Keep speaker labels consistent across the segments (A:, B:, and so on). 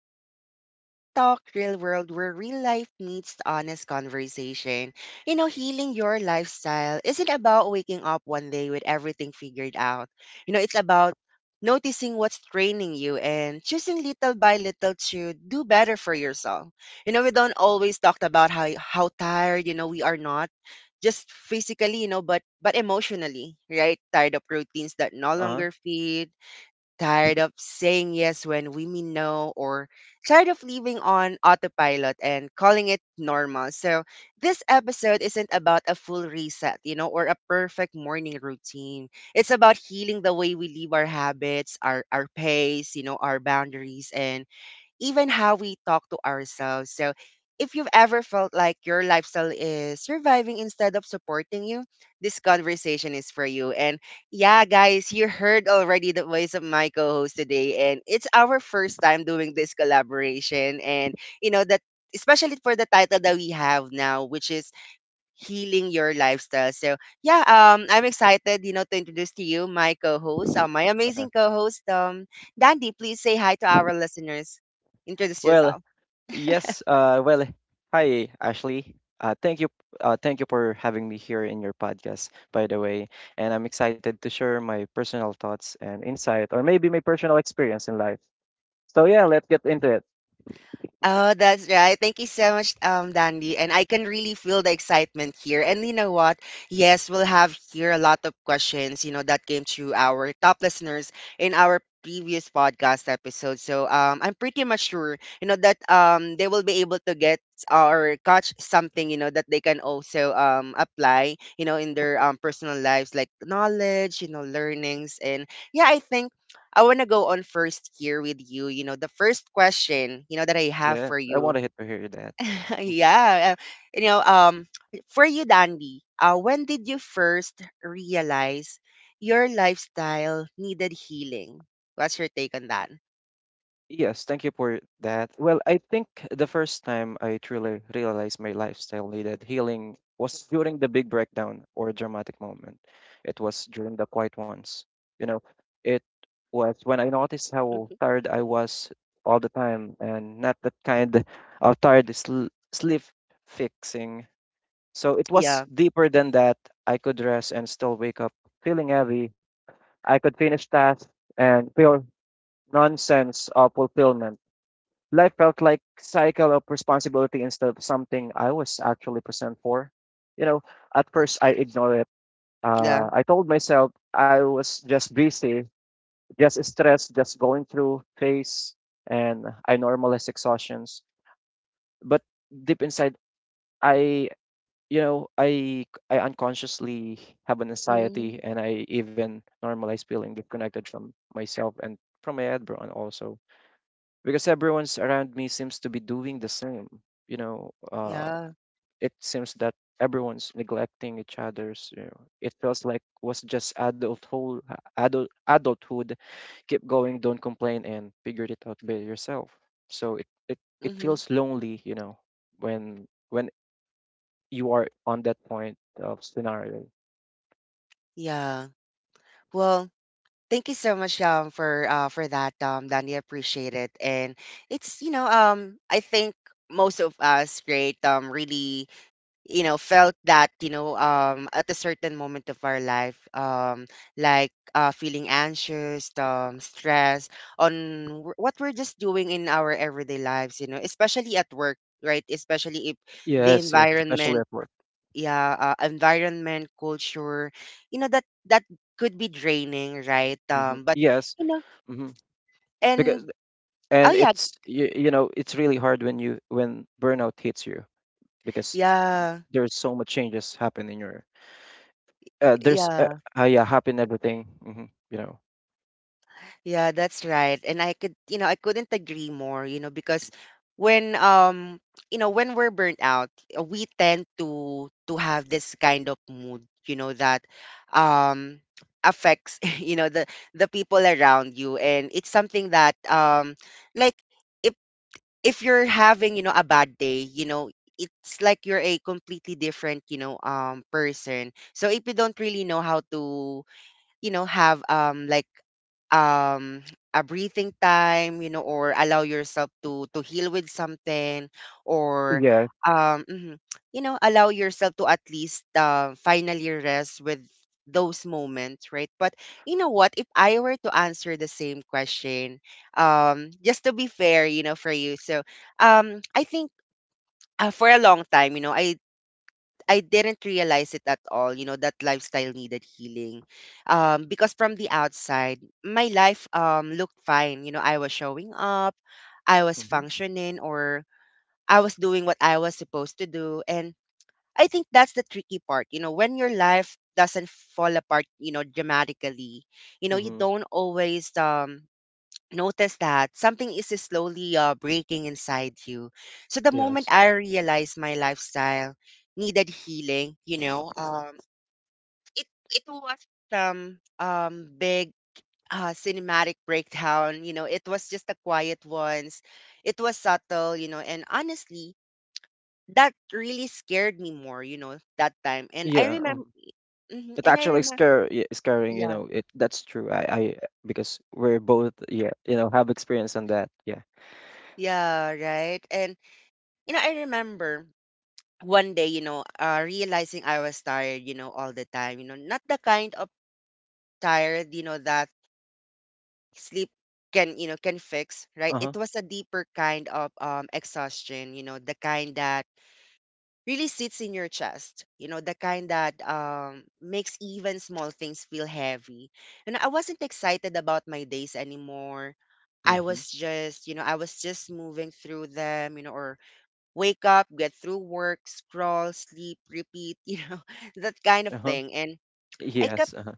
A: is again Real Talk, Real World, where real life meets honest conversation. You know, healing your lifestyle isn't about waking up one day with everything figured out. You know, it's about noticing what's draining you and choosing little by little to do better for yourself. You know, we don't always talk about how tired, you know, we are, not just physically, you know, but emotionally, right? Tired of routines that no
B: Uh-huh.
A: longer feed, tired of saying yes when we mean no, or tired of living on autopilot and calling it normal. So this episode isn't about a full reset, you know, or a perfect morning routine. It's about healing the way we live, our habits, our pace, you know, our boundaries and even how we talk to ourselves. So, if you've ever felt like your lifestyle is surviving instead of supporting you, this conversation is for you. And yeah, guys, you heard already the voice of my co host today, and it's our first time doing this collaboration. And, you know, that especially for the title that we have now, which is healing your lifestyle. So yeah, I'm excited, you know, to introduce to you my co-host, my
B: Uh-huh.
A: amazing co-host, Dandy. Please say hi to our listeners. Introduce
B: Well,
A: yourself.
B: yes, well, hi Ashley. Thank you for having me here in your podcast, by the way. And I'm excited to share my personal thoughts and insight or maybe my personal experience in life. So yeah, let's get into it.
A: Oh, that's right. Thank you so much, Dandy. And I can really feel the excitement here. And you know what? Yes, we'll have here a lot of questions, you know, that came through our top listeners in our previous podcast episode. So I'm pretty much sure, you know, that they will be able to get or catch something, you know, that they can also apply, you know, in their personal lives, like knowledge, you know, learnings. And yeah, I think I want to go on first here with you. You know, the first question, you know, that I have
B: Yeah,
A: for
B: I
A: you.
B: wanted to hear that. Mm-hmm.
A: Yeah. You know, for you, Dandy, when did you first realize your lifestyle needed healing? What's your take on that?
B: Yes, thank you for that. Well, I think the first time I truly realized my lifestyle needed healing was during the big breakdown or dramatic moment. It was during the quiet ones. You know, it was when I noticed how
A: Mhm.
B: tired I was all the time, and not that kind of sleep fixing. So it was
A: Yeah.
B: deeper than that. I could rest and still wake up feeling heavy. I could finish tasks and feel nonsense of fulfillment. Life felt like cycle of responsibility instead of something I was actually present for. You know, at first I ignored it.
A: Yeah.
B: I told myself I was just busy, just stressed, just going through phase, and I normalized exhaustions. But deep inside, I you know I unconsciously have an anxiety,
A: Mhm.
B: and I even normalize feeling disconnected from myself and from my environment also, because everyone's around me seems to be doing the same, you know uh
A: Yeah.
B: it seems that everyone's neglecting each other's, you know, it feels like was just adult whole adult adulthood, keep going, don't complain and figure it out by yourself. So it
A: Hmm.
B: feels lonely, you know, when you are on that point of scenario.
A: Yeah. Well, thank you so much for that Danny, I appreciate it. And it's, you know, I think most of us great really, you know, felt that, you know, at a certain moment of our life, like feeling anxious, stress on what we're just doing in our everyday lives, you know, especially at work, right? Especially if the
B: Yes, yes, especially
A: environment,
B: at work.
A: yeah, environment, culture, you know, that could be draining, right? But
B: Yes.
A: you know,
B: hmm because,
A: and oh
B: and
A: yeah,
B: you know it's really hard when you when burnout hits you, because
A: yeah,
B: there's so much changes happen in your there's
A: yeah.
B: yeah, happen everything, you know.
A: Yeah, that's right. And I could, you know, I couldn't agree more, you know, because when you know, when we're burnt out, we tend to have this kind of mood, you know, that um affects, you know, the people around you, and it's something that, like, if if you're having, you know, a bad day, you know, it's like you're a completely different, you know, person. So if you don't really know how to, you know, have like um a breathing time, you know, or allow yourself to heal with something, or
B: Yeah.
A: um mhm, you know, allow yourself to at least finally rest with those moments, right? But you know what, if I were to answer the same question, just to be fair, you know, for you. So I think, for a long time, you know, I didn't realize it at all, you know, that lifestyle needed healing. Because from the outside, my life looked fine. You know, I was showing up, I was
B: hmm
A: functioning, or I was doing what I was supposed to do. And I think that's the tricky part. You know, when your life doesn't fall apart, you know, dramatically, you know, you
B: hmm
A: don't always notice that something is slowly breaking inside you. So the moment
B: yes
A: I realized my lifestyle needed healing, you know, it was some big cinematic breakdown. You know, it was just a quiet ones. It was subtle, you know, and honestly, that really scared me more, you know, that time.
B: yeah um, it
A: And I
B: actually
A: remember,
B: scaring you
A: yeah,
B: know it, that's true. I because we're both, yeah, you know, have experience on that. Yeah.
A: yeah, right. And you know, I remember one day, you know, realizing I was tired, you know, all the time, you know, not the kind of tired, you know, that sleep can, you know, can fix, right? It
B: Uh-huh.
A: was a deeper kind of exhaustion, you know, the kind that really sits in your chest, you know, the kind that makes even small things feel heavy. And I wasn't excited about my days anymore. I
B: Mm-hmm.
A: was just, you know, I was just moving through them, you know, or wake up, get through work, scroll, sleep, repeat, you know, that kind of
B: Uh-huh.
A: thing. And I kept,
B: Yes uh-huh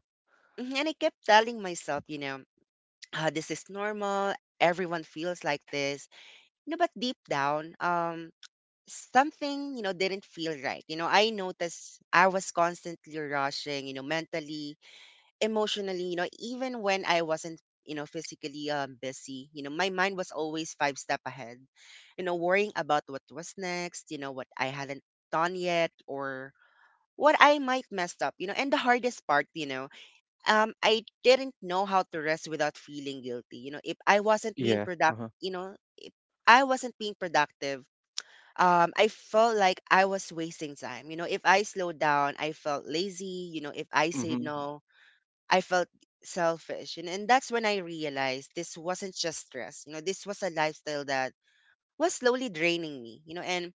A: mhm, and I kept telling myself, you know, ah, this is normal. Everyone feels like this. You know, but deep down, something, you know, didn't feel right. You know, I noticed I was constantly rushing, you know, mentally, emotionally, you know, even when I wasn't, you know, physically busy, you know, my mind was always five step ahead, you know, worrying about what was next, you know, what I hadn't done yet, or what I might mess up, you know, and the hardest part, you know, I didn't know how to rest without feeling guilty. You know, if I wasn't being
B: yeah
A: productive,
B: uh-huh
A: you know, I wasn't being productive. I felt like I was wasting time. You know, if I slowed down, I felt lazy. You know, if I said
B: mm-hmm
A: no, I felt selfish. And that's when I realized this wasn't just stress. You know, this was a lifestyle that was slowly draining me, you know. And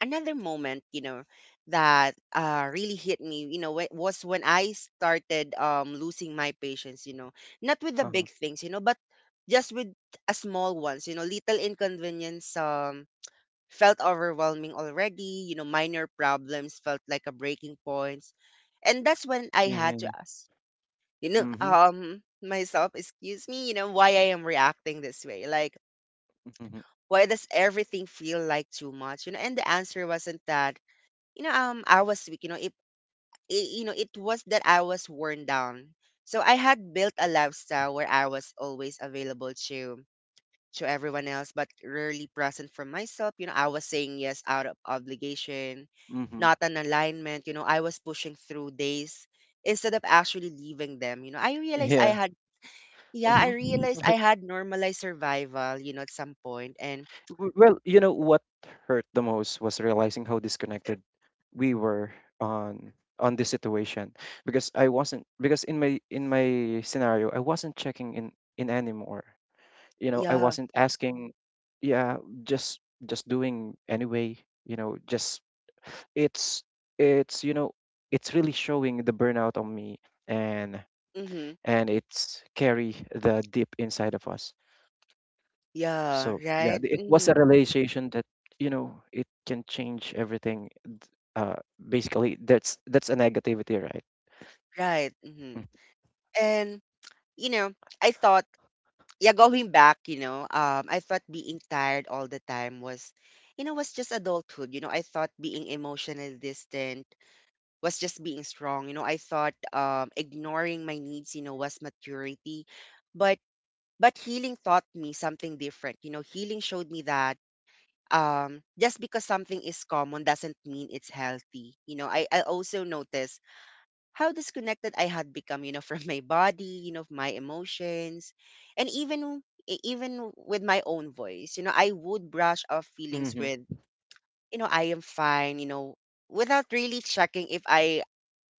A: another moment, you know, that really hit me, you know, was when I started losing my patience, you know, not with the
B: uh-huh
A: big things, you know, but just with a small ones, you know, little inconvenience felt overwhelming already, you know, minor problems felt like a breaking point. And that's when I
B: Yeah, yeah,
A: had to
B: yeah.
A: ask, you know,
B: mm-hmm
A: myself, excuse me, you know, why I am reacting this way, like,
B: mm-hmm
A: why does everything feel like too much, you know? And the answer wasn't that, you know, I was weak, you know. It, you know, it was that I was worn down. So I had built a lifestyle where I was always available to everyone else but rarely present for myself. You know, I was saying yes out of obligation,
B: mm-hmm
A: not an alignment, you know. I was pushing through days instead of actually leaving them. You know, I realized I
B: yeah.
A: had, yeah, I
B: mm-hmm
A: realized I had normalized survival, you know, at some point. And
B: Well, you know what hurt the most was realizing how disconnected we were on this situation, because I wasn't because in my scenario I wasn't checking in anymore. You know, I
A: yeah,
B: wasn't asking, yeah, just doing anyway, you know, just it's it's you know, it's really showing the burnout on me, and
A: mm-hmm,
B: it's carry the deep inside of us.
A: yeah,
B: So yeah,
A: right,
B: it was
A: mm,
B: a realization that, you know, it can change everything. Basically, that's a negativity, right?
A: right, mm-hmm.
B: Mm.
A: And you know, I thought, yeah, going back, you know, I thought being tired all the time was, you know, was just adulthood. You know, I thought being emotionally distant was just being strong. You know, I thought ignoring my needs, you know, was maturity, but healing taught me something different. You know, healing showed me that just because something is common doesn't mean it's healthy. You know, I also noticed how disconnected I had become, you know, from my body, you know, my emotions, and even even with my own voice. You know, I would brush off feelings
B: Mm-hmm.
A: with, you know, I am fine, you know, without really checking if I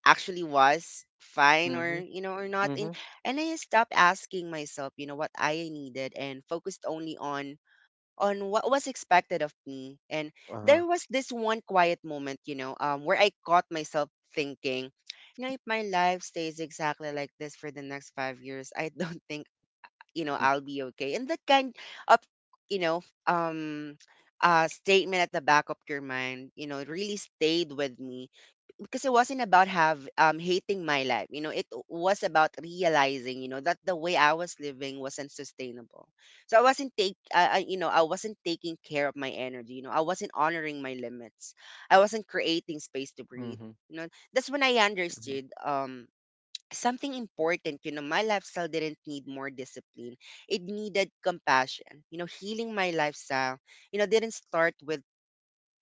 A: actually was fine, or,
B: Mm-hmm.
A: you know, or not. And
B: Mm-hmm.
A: and I stopped asking myself, you know, what I needed, and focused only on what was expected of me. And
B: Uh-huh.
A: there was this one quiet moment, you know, where I caught myself thinking, you know, if my life stays exactly like this for the next 5 years, I don't think, you know,
B: Mm,
A: I'll be okay. And that kind of, you know, statement at the back of your mind, you know, it really stayed with me, because it wasn't about have hating my life, you know, it was about realizing, you know, that the way I was living wasn't sustainable. So I wasn't take, I you know, I wasn't taking care of my energy, you know, I wasn't honoring my limits, I wasn't creating space to breathe.
B: Mm-hmm.
A: You know, that's when I
B: Mm-hmm.
A: understood something important. You know, my lifestyle didn't need more discipline, it needed compassion. You know, healing my lifestyle, you know, didn't start with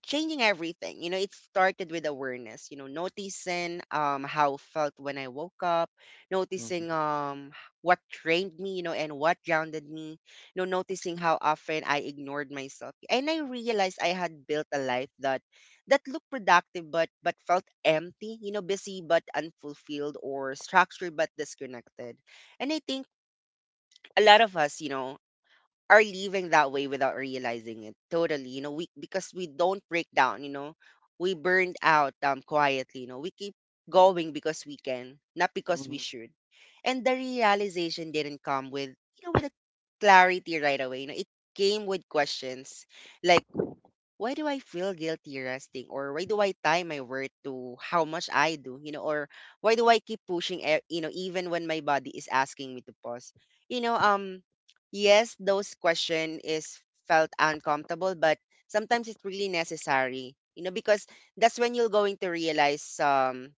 A: changing everything. You know, it started with awareness, noticing how felt when I woke up,
B: Mm-hmm.
A: noticing what trained me, you know, and what grounded me, you know, noticing how often I ignored myself. And I realized I had built a life that looked productive but felt empty, you know, busy but unfulfilled or structured but disconnected. And I think a lot of us, you know, are living that way without realizing it totally, you know, we because we don't break down, you know, we burned out quietly, you know. We keep going because we can, not because we
B: Mm-hmm.
A: should. And the realization didn't come with, you know with a clarity right away, you know. It came with questions like, why do I feel guilty resting? Or why do I tie my worth to how much I do? You know, or why do I keep pushing, you know, even when my body is asking me to pause? You know, yes, those question is felt uncomfortable, but sometimes it's really necessary, you know, because that's when you're going to realize, um,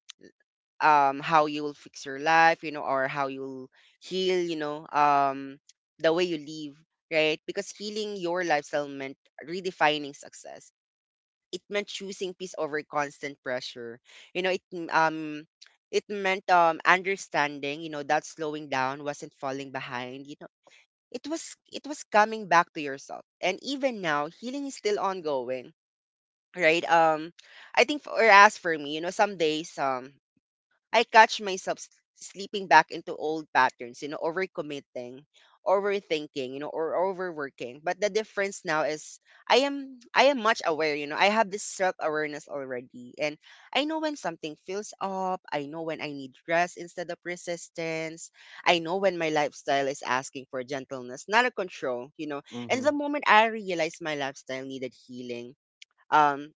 A: um, how you will fix your life, you know, or how you'll heal, you know, the way you live, right? Because healing your lifestyle meant redefining success. It meant choosing peace over constant pressure. You know, it meant understanding, you know, that slowing down wasn't falling behind. You know, it was coming back to yourself. And even now, healing is still ongoing. Right. I think for me, you know, some days I catch myself sleeping back into old patterns, you know, overcommitting, overthinking, you know, or overworking. But the difference now is I am much aware, you know. I have this self-awareness already, and I know when something fills up, I know when I need rest instead of resistance. I know when my lifestyle is asking for gentleness, not a control, you know. And
B: Mm-hmm.
A: the moment I realized my lifestyle needed healing, um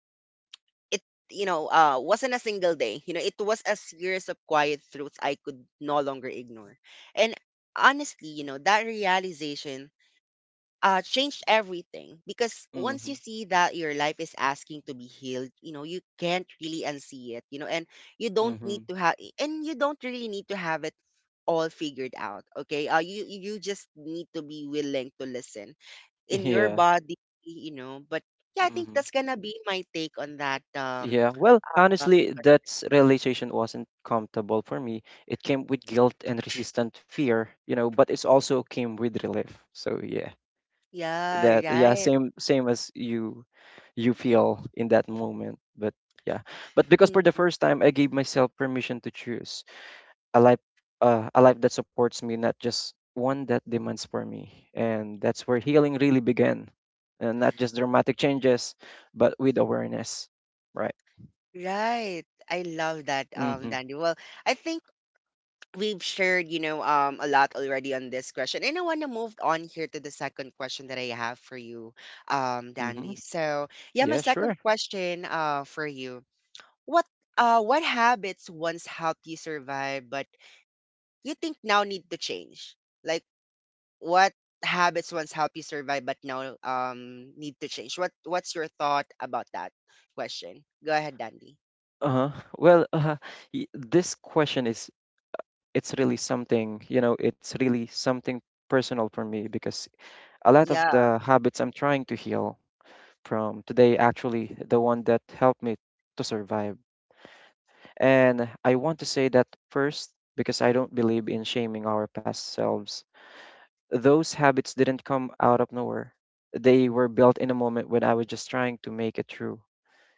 A: it you know, wasn't a single day, you know. It was a series of quiet truths I could no longer ignore. And honestly, you know, that realization changed everything, because once
B: mm-hmm,
A: you see that your life is asking to be healed, you know, you can't really unsee it, you know. And you don't need
B: mm-hmm.
A: to have, and you don't really need to have it all figured out. Okay, you just need to be willing to listen in your
B: Yeah.
A: body, you know. But yeah, I think
B: Mm-hmm.
A: that's gonna be my take on that.
B: Yeah. Well,
A: Uh,
B: honestly, that realization wasn't comfortable for me. It came with guilt and resistant fear, you know, but it's also came with relief. So yeah.
A: yeah,
B: That, yeah,
A: right.
B: same same as you, you feel in that moment, but yeah, but because for the
A: Mhm.
B: first time I gave myself permission to choose a life that supports me, not just one that demands for me, and that's where healing really began, and not just dramatic changes, but with awareness. Right.
A: Right. I love that,
B: mm-hmm,
A: Danny. Well, I think we've shared, you know, a lot already on this question, and I want to move on here to the second question that I have for you,
B: mm-hmm.
A: Dandy. So, yeah, my
B: Yeah,
A: second
B: sure.
A: question, for you, what, what habits once helped you survive, but you think now need to change? Like, what habits once helped you survive but now need to change? What's your thought about that question? Go ahead, Dandy.
B: Uh-huh well, this question is, it's really something, you know, it's really something personal for me, because a lot of
A: Yeah,
B: the habits I'm trying to heal from today actually the one that helped me to survive. And I want to say that first because I don't believe in shaming our past selves. Those habits didn't come out of nowhere. They were built in a moment when I was just trying to make it through.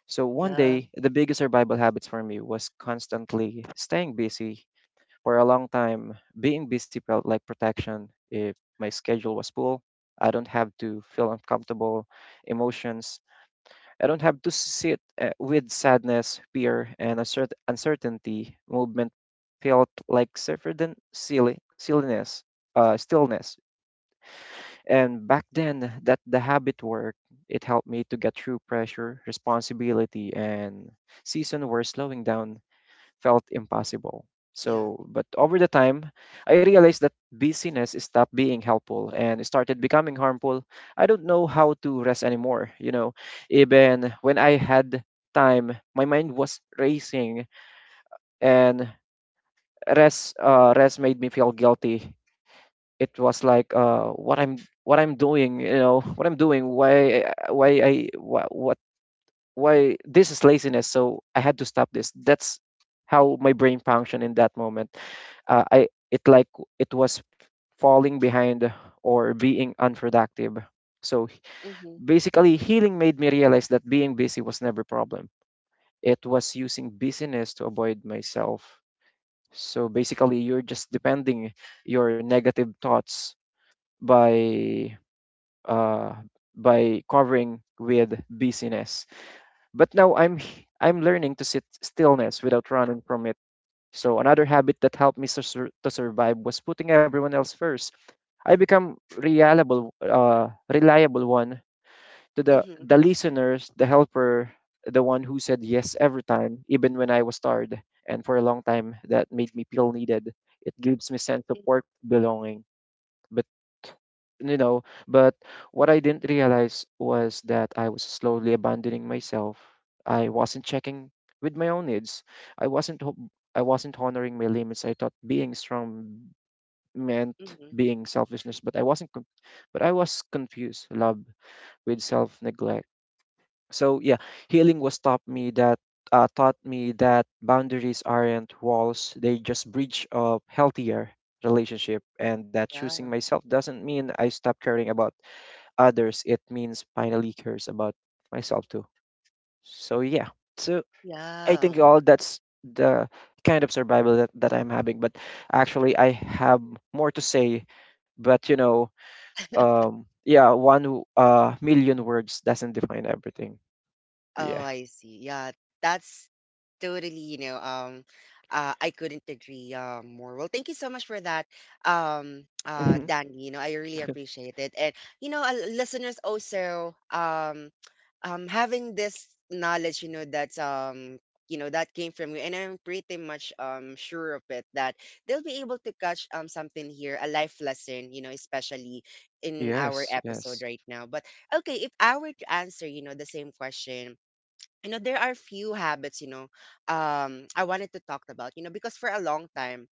B: So one
A: yeah,
B: day, the biggest survival habits for me was constantly staying busy. For a long time, being busy felt like protection. If my schedule was full, I don't have to feel uncomfortable emotions. I don't have to sit, with sadness, fear, and uncertainty. Movement felt like certain silliness, stillness. And back then, that the habit worked. It helped me to get through pressure, responsibility, and season were slowing down felt impossible.
A: yeah.
B: So, but over the time, I realized that busyness stopped being helpful and started becoming harmful. I don't know how to rest anymore, you know. Even when I had time, my mind was racing, and rest made me feel guilty. It was like, uh, what I'm doing, you know, what I'm doing, why this is laziness, so I had to stop this. That's how my brain functioned in that moment. I it like it was falling behind or being unproductive. So
A: Mhm.
B: basically healing made me realize that being busy was never a problem, it was using busyness to avoid myself. So basically you're just depending your negative thoughts by uh by covering with busyness. But now I'm I'm learning to sit stillness without running from it. So another habit that helped me to, to survive was putting everyone else first. I become reliable one to
A: Mhm.
B: the listeners, the helper, the one who said yes every time, even when I was tired. And for a long time, that made me feel needed. It gives me sense of work belonging, but you know, but what I didn't realize was that I was slowly abandoning myself. I wasn't checking with my own needs. I wasn't ho- I wasn't honoring my limits. I thought being strong meant
A: Mhm.
B: being selfishness, but I wasn't. But I was confused love with self neglect. So yeah, healing was taught me that boundaries aren't walls; they just bridge a healthier relationship, and that choosing
A: Yeah.
B: myself doesn't mean I stop caring about others. It means finally cares about myself too. So yeah, so I
A: Yeah.
B: think all that's the kind of survival that, I'm having. But actually, I have more to say, but you know, yeah, one million words doesn't define everything.
A: Oh,
B: Yeah.
A: I see. Yeah. That's totally, you know, I couldn't agree more. Well, thank you so much for that, Danny. You know, I really appreciate it. And, you know, listeners also, having this knowledge, you know, that's you know, that came from you, and I'm pretty much sure of it that they'll be able to catch something here, a life lesson, you know, especially in our
B: Yes,
A: episode
B: yes.
A: right now. But okay, if I were to answer, you know, the same question, you know, there are few habits, you know, I wanted to talk about, you know, because for a long time,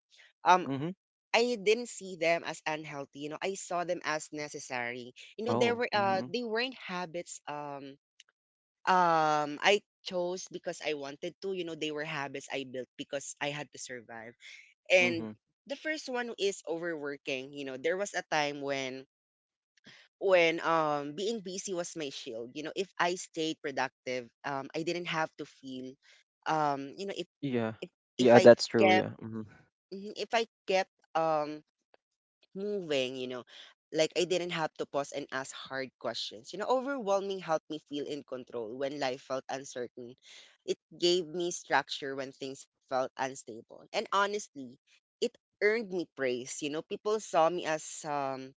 A: um
B: Mm-hmm.
A: I didn't see them as unhealthy, you know. I saw them as necessary, you know. There
B: Oh,
A: were
B: mm-hmm.
A: they weren't habits, I chose because I wanted to, you know. They were habits I built because I had to survive. And
B: Mm-hmm.
A: the first one is overworking. You know, there was a time when being busy was my shield. You know, if I stayed productive, I didn't have to feel, you know,
B: Yeah.
A: if, if
B: Yeah,
A: I
B: that's true,
A: kept
B: yeah. Mm-hmm.
A: mhm, if I kept um moving, you know, like I didn't have to pause and ask hard questions. You know, overwhelming helped me feel in control when life felt uncertain. It gave me structure when things felt unstable, and honestly, it earned me praise. You know, people saw me as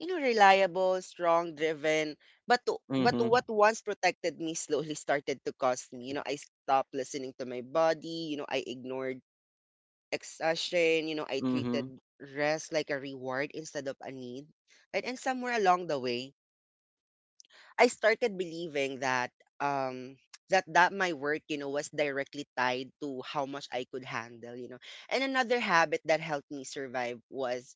A: you know, reliable, strong, driven. But
B: Mm-hmm.
A: what once protected me slowly started to cost me. You know, I stopped listening to my body. You know, I ignored exhaustion. You know, I
B: Mm-hmm.
A: treated rest like a reward instead of a need. Right? And somewhere along the way, I started believing that um that my work, you know, was directly tied to how much I could handle, you know. And another habit that helped me survive was,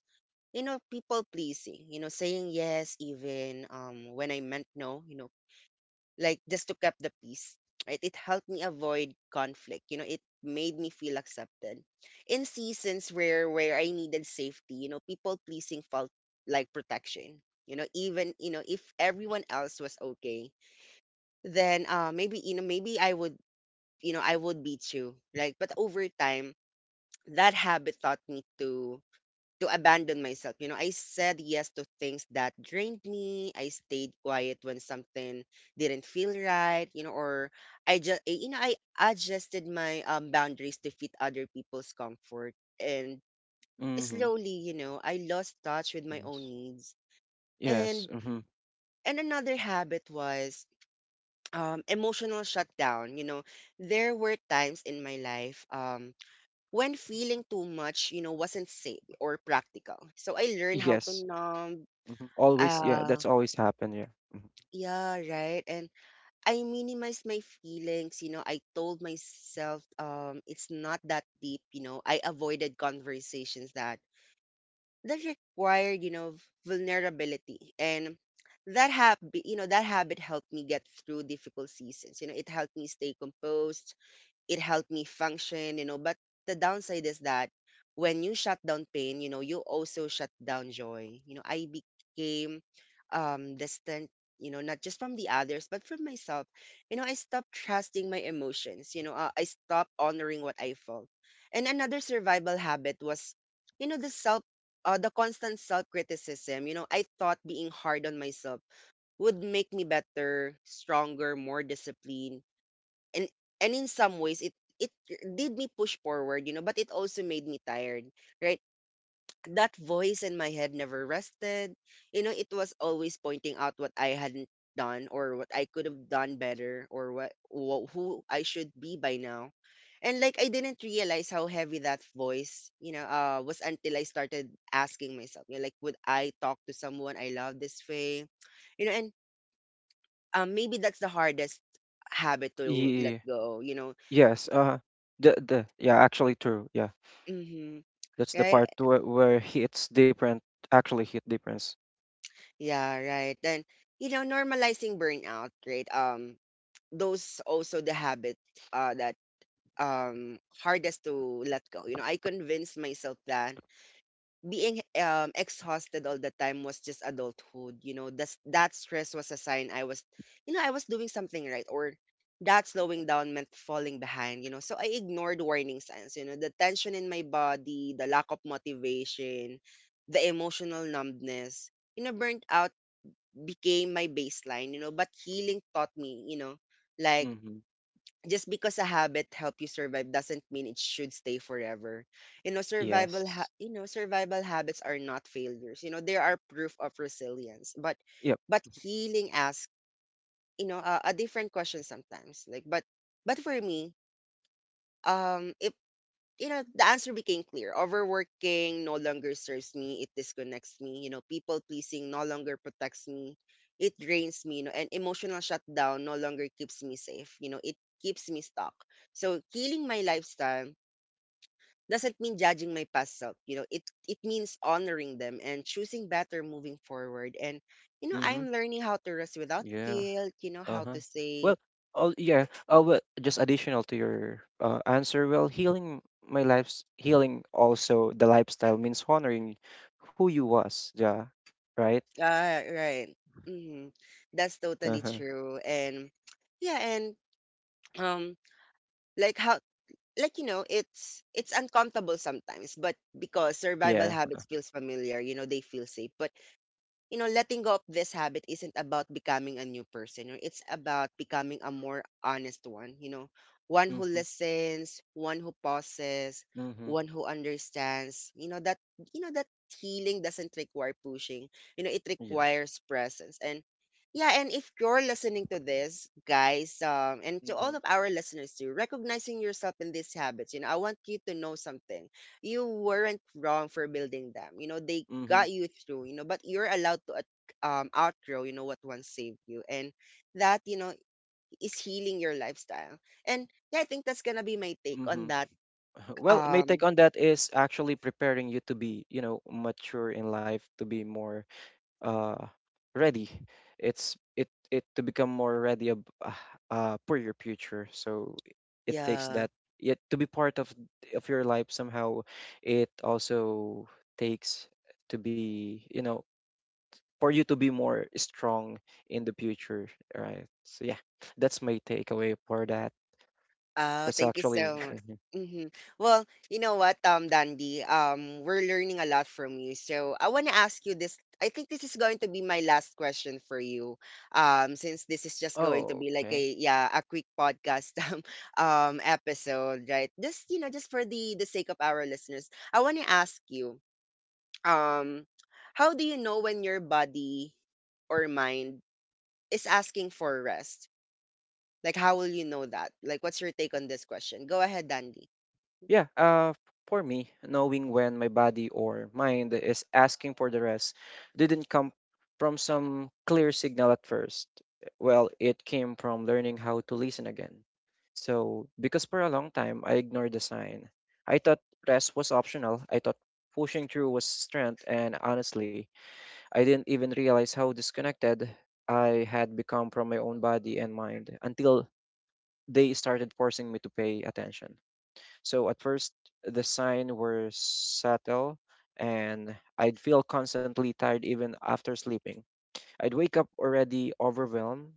A: you know, people pleasing. You know, saying yes even when I meant no, you know, like just to keep the peace, right. It helped me avoid conflict. You know, it made me feel accepted in seasons where I needed safety. You know, people pleasing felt like protection, you know. Even, you know, if everyone else was okay, then maybe, you know, maybe I would, you know, I would be too. Like but over time, that habit taught me to abandon myself. You know, I said yes to things that drained me. I stayed quiet when something didn't feel right, you know, or I just, you know, I adjusted my boundaries to fit other people's comfort. And
B: Mm-hmm.
A: slowly, you know, I lost touch with my
B: Yes.
A: own needs.
B: Yes.
A: And,
B: Mm-hmm.
A: and another habit was emotional shutdown. You know, there were times in my life when feeling too much, you know, wasn't safe or practical. So I learned how to
B: Yes.
A: numb.
B: Mm-hmm. Always, yeah,
A: Uh,
B: that's always happened, yeah. Mm-hmm.
A: yeah, right. And I minimized my feelings, you know. I told myself it's not that deep, you know. I avoided conversations that required, you know, vulnerability. And that habit, helped me get through difficult seasons. You know, it helped me stay composed, it helped me function, you know. But the downside is that when you shut down pain, you know, you also shut down joy. You know, I became distant, you know, not just from the others, but from myself. You know, I stopped trusting my emotions, you know, I stopped honoring what I felt. And another survival habit was, you know, the constant self criticism. You know, I thought being hard on myself would make me better, stronger, more disciplined. and and in some ways, it did me push forward, you know, but it also made me tired, right. That voice in my head never rested. You know, it was always pointing out what I hadn't done, or what I could have done better, or what who I should be by now. And like I didn't realize how heavy that voice, you know, was, until I started asking myself, you know, like, would I talk to someone I love this way? You know. And maybe that's the hardest habit to let
B: Yeah.
A: go, you know.
B: Yes, the yeah, actually true. Yeah.
A: Mm-hmm.
B: That's the
A: Right?
B: part where hits different, actually hit difference.
A: Yeah, right. Then, you know, normalizing burnout, right? Those also the habit that hardest to let go. You know, I convinced myself that being exhausted all the time was just adulthood, you know. That's that stress was a sign I was, you know, I was doing something right, or that slowing down meant falling behind, you know. So I ignored warning signs, you know, the tension in my body, the lack of motivation, the emotional numbness, you know. Burnt out became my baseline, you know. But healing taught me, you know, like,
B: Mm-hmm.
A: just because a habit help you survive doesn't mean it should stay forever. You know,
B: Yes.
A: survival habits are not failures. You know, they are proof of resilience. But
B: Yep.
A: healing asks, you know, a different question sometimes. Like but for me, um you know, the answer became clear. Overworking no longer serves me. It disconnects me. You know, people pleasing no longer protects me. It drains me. You know, and emotional shutdown no longer keeps me safe. You know, it keeps me stuck. So killing my lifestyle doesn't mean judging my past self. You know, it means honoring them and choosing better moving forward. And you know,
B: Mm-hmm.
A: I'm
B: Mm-hmm.
A: learning how to rest without
B: Yeah.
A: guilt. You know, how
B: Uh-huh.
A: to
B: Well,
A: say,
B: oh yeah. Well, just additional to your answer. Well, healing my life's healing also the lifestyle means honoring who you was. Yeah. Right.
A: yeah, right. Hmm. That's totally
B: Uh-huh.
A: true. And yeah, and um like how like, you know, it's uncomfortable sometimes, but because survival
B: Yeah.
A: habits feels familiar, you know, they feel safe. But you know, letting go of this habit isn't about becoming a new person, or it's about becoming a more honest one, you know, one who
B: Mm-hmm.
A: listens, one who pauses,
B: Mm-hmm.
A: one who understands. You know, that healing doesn't require pushing. You know, it
B: Yes.
A: requires presence. And yeah, and if you're listening to this, guys, and to
B: Mm-hmm.
A: all of our listeners too, recognizing yourself in these habits, you know, I want you to know something. You weren't wrong for building them. You know, they
B: Mm-hmm.
A: got you through, you know, but you're allowed to outgrow, you know, what once saved you. And that, you know, is healing your lifestyle. And yeah, I think that's gonna be my take
B: Mm-hmm.
A: on that.
B: Well, my take
A: Um
B: on that is actually preparing you to be, you know, mature in life, to be more uh ready. It to become more ready for your future, so it takes
A: yeah.
B: that yet to be part of your life somehow. It also takes to be, you know, for you to be more strong in the future, right? So yeah, that's my takeaway for that.
A: Oh,
B: That's
A: thank you
B: actually
A: so much.
B: Mhm.
A: Hmm. Well, you know what, Dandy, we're learning a lot from you. So I want to ask you this. I think this is going to be my last question for you, since this is just going to
B: oh
A: be like
B: okay.
A: a yeah a quick podcast episode, right? Just you know, just for the sake of our listeners, I want to ask you, um, how do you know when your body or mind is asking for rest? Like, how will you know that? Like, what's your take on this question? Go ahead, Dandy.
B: Yeah, for me, knowing when my body or mind is asking for the rest didn't come from some clear signal at first. Well, it came from learning how to listen again. So, because for a long time I ignored the sign, I thought rest was optional. I thought pushing through was strength, and honestly, I didn't even realize how disconnected I had become from my own body and mind until they started forcing me to pay attention. So at first, the signs were subtle, and I'd feel constantly tired even after sleeping. I'd wake up already overwhelmed,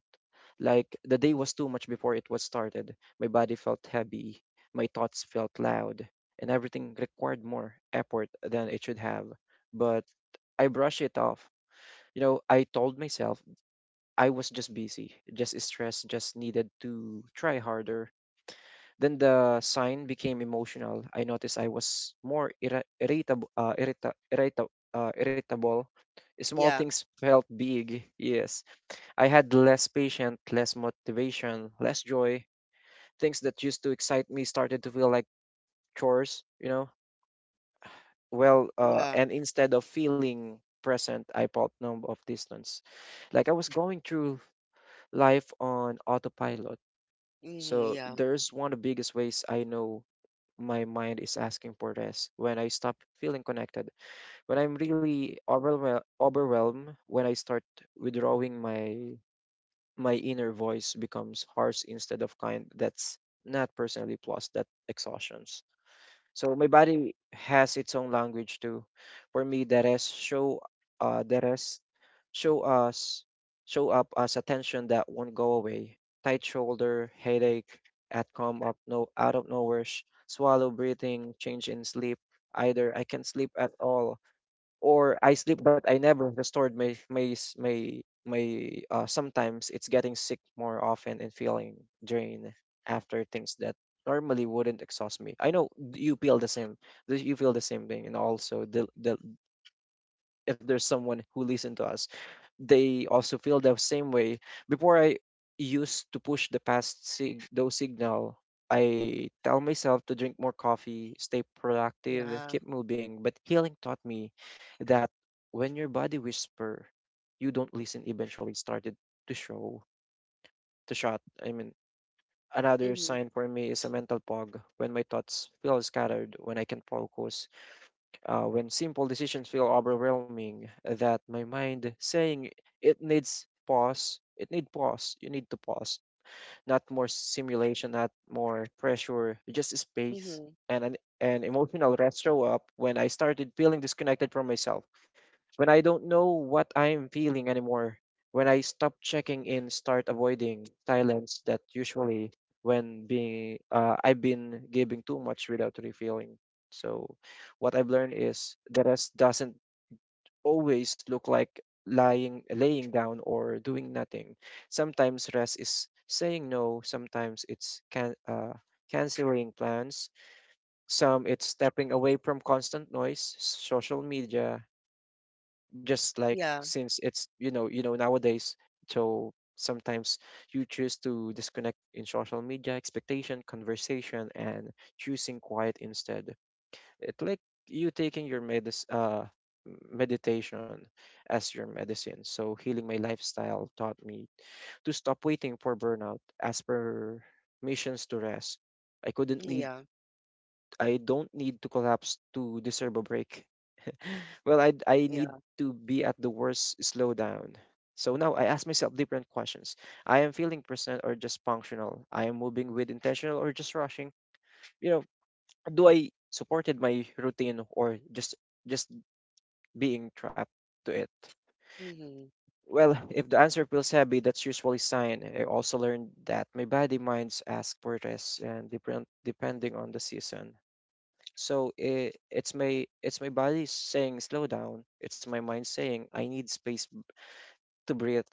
B: like the day was too much before it was started. My body felt heavy, my thoughts felt loud, and everything required more effort than it should have. But I brushed it off. You know, I told myself I was just busy, just stressed, just needed to try harder. Then the sign became emotional. I noticed I was more irritable. Small
A: Yeah,
B: things felt big. Yes. I had less patience, less motivation, less joy. Things that used to excite me started to feel like chores, you know? Well,
A: yeah.
B: and instead of feeling present, I felt numb of distance. Like I was going through life on autopilot.
A: Mhm,
B: So
A: yeah.
B: there's one of the biggest ways I know my mind is asking for rest, when I stop feeling connected, when I'm really overwhelmed, when I start withdrawing my inner voice becomes harsh instead of kind. That's not personally plus that exhaustions. So my body has its own language too. For me, the rest show us show up as attention that won't go away. Tight shoulder, headache, at come up no out of nowhere, swallow breathing, change in sleep. Either I can not sleep at all, or I sleep but I never restored my sometimes it's getting sick more often and feeling drained after things that normally wouldn't exhaust me. I know you feel the same. You feel the same thing, and also the if there's someone who listen to us, they also feel the same way. Before I used to push the past those signal, I tell myself to drink more coffee, stay productive,
A: Yeah.
B: keep moving. But healing taught me that when your body whisper, you don't listen. Eventually, started to show to shut. I mean, another
A: Mhm,
B: sign for me is a mental fog, when my thoughts feel scattered, when I can focus, when simple decisions feel overwhelming, that my mind saying it needs pause it need pause you need to pause, not more simulation, not more pressure, just space.
A: mhm.
B: And an emotional rest show up when I started feeling disconnected from myself, when I don't know what I'm feeling anymore, when I stop checking in, start avoiding silence, that usually when being I've been giving too much without refilling. So what I've learned is the rest doesn't always look like lying laying down or doing nothing. Sometimes rest is saying no, sometimes it's canceling plans, some it's stepping away from constant noise, social media, just like
A: Yeah,
B: since it's you know nowadays. So sometimes you choose to disconnect in social media expectation conversation, and choosing quiet instead. It like you taking your medis meditation as your medicine. So healing my lifestyle taught me to stop waiting for burnout as per missions to rest. I couldn't
A: mm,
B: need,
A: yeah,
B: I don't need to collapse to deserve a break. Well, I need
A: yeah.
B: to be at the worst slowdown. So now I ask myself different questions. I am feeling present or just functional. I am moving with intentional or just rushing. You know, do I supported my routine or just being trapped to it?
A: Mhm.
B: Well, if the answer feels heavy, that's usually sign. I also learned that my body minds ask for rest and different depending on the season. So it's my body saying slow down. It's my mind saying I need space to breathe,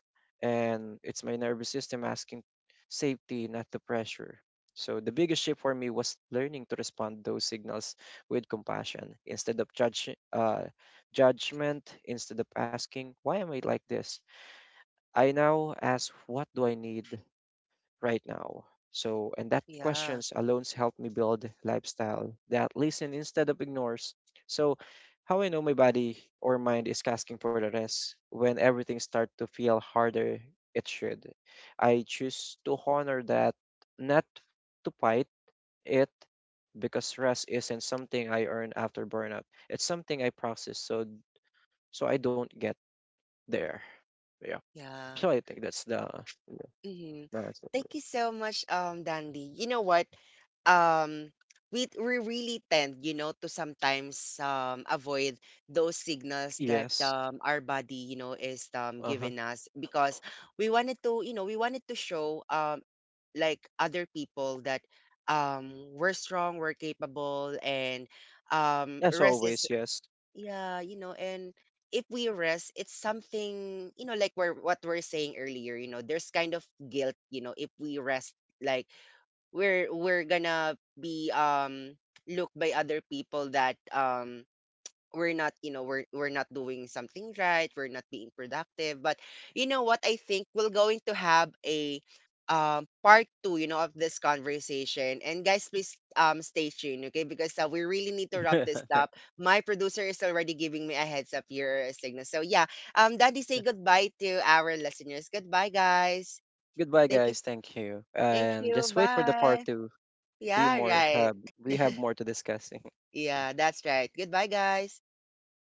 B: and it's my nervous system asking safety not to pressure. So the biggest shift for me was learning to respond those signals with compassion instead of judgment. Instead of asking why am I like this, I now ask what do I need right now? So, and that
A: Yeah,
B: questions alone help me build lifestyle that listen instead of ignores. So, how I know my body or mind is asking for the rest, when everything start to feel harder it should. I choose to honor that, not to fight it, because rest isn't something I earn after burnout. It's something I process, so I don't get there. Yeah.
A: yeah.
B: So I think that's yeah,
A: Mhm.
B: that's it.
A: Thank you so much, Dandy. You know what? Um, we really tend, you know, to sometimes avoid those signals that
B: Yes.
A: our body, you know, is
B: Uh huh.
A: giving us, because we wanted to, you know, we wanted to show like other people that we're strong, we're capable, and
B: As
A: rest is
B: always, yes.
A: yeah, you know. And if we rest, it's something, you know, like we're what we're saying earlier, you know, there's kind of guilt, you know, if we rest, like we're gonna be looked by other people that we're not, you know, we're not doing something right, we're not being productive. But you know what, I think we're going to have a part 2, you know, of this conversation, and guys please stay tuned, okay, because we really need to wrap this up. My producer is already giving me a heads up here, a signal, so yeah um, daddy, say goodbye to our listeners. Goodbye, guys.
B: Goodbye,
A: Thank you.
B: guys. Thank you.
A: Thank
B: And
A: you,
B: just wait for the part
A: bye.
B: two. We
A: Yeah,
B: more
A: right.
B: have we have more to discussing.
A: Yeah, that's right. Goodbye, guys.
B: Goodbye.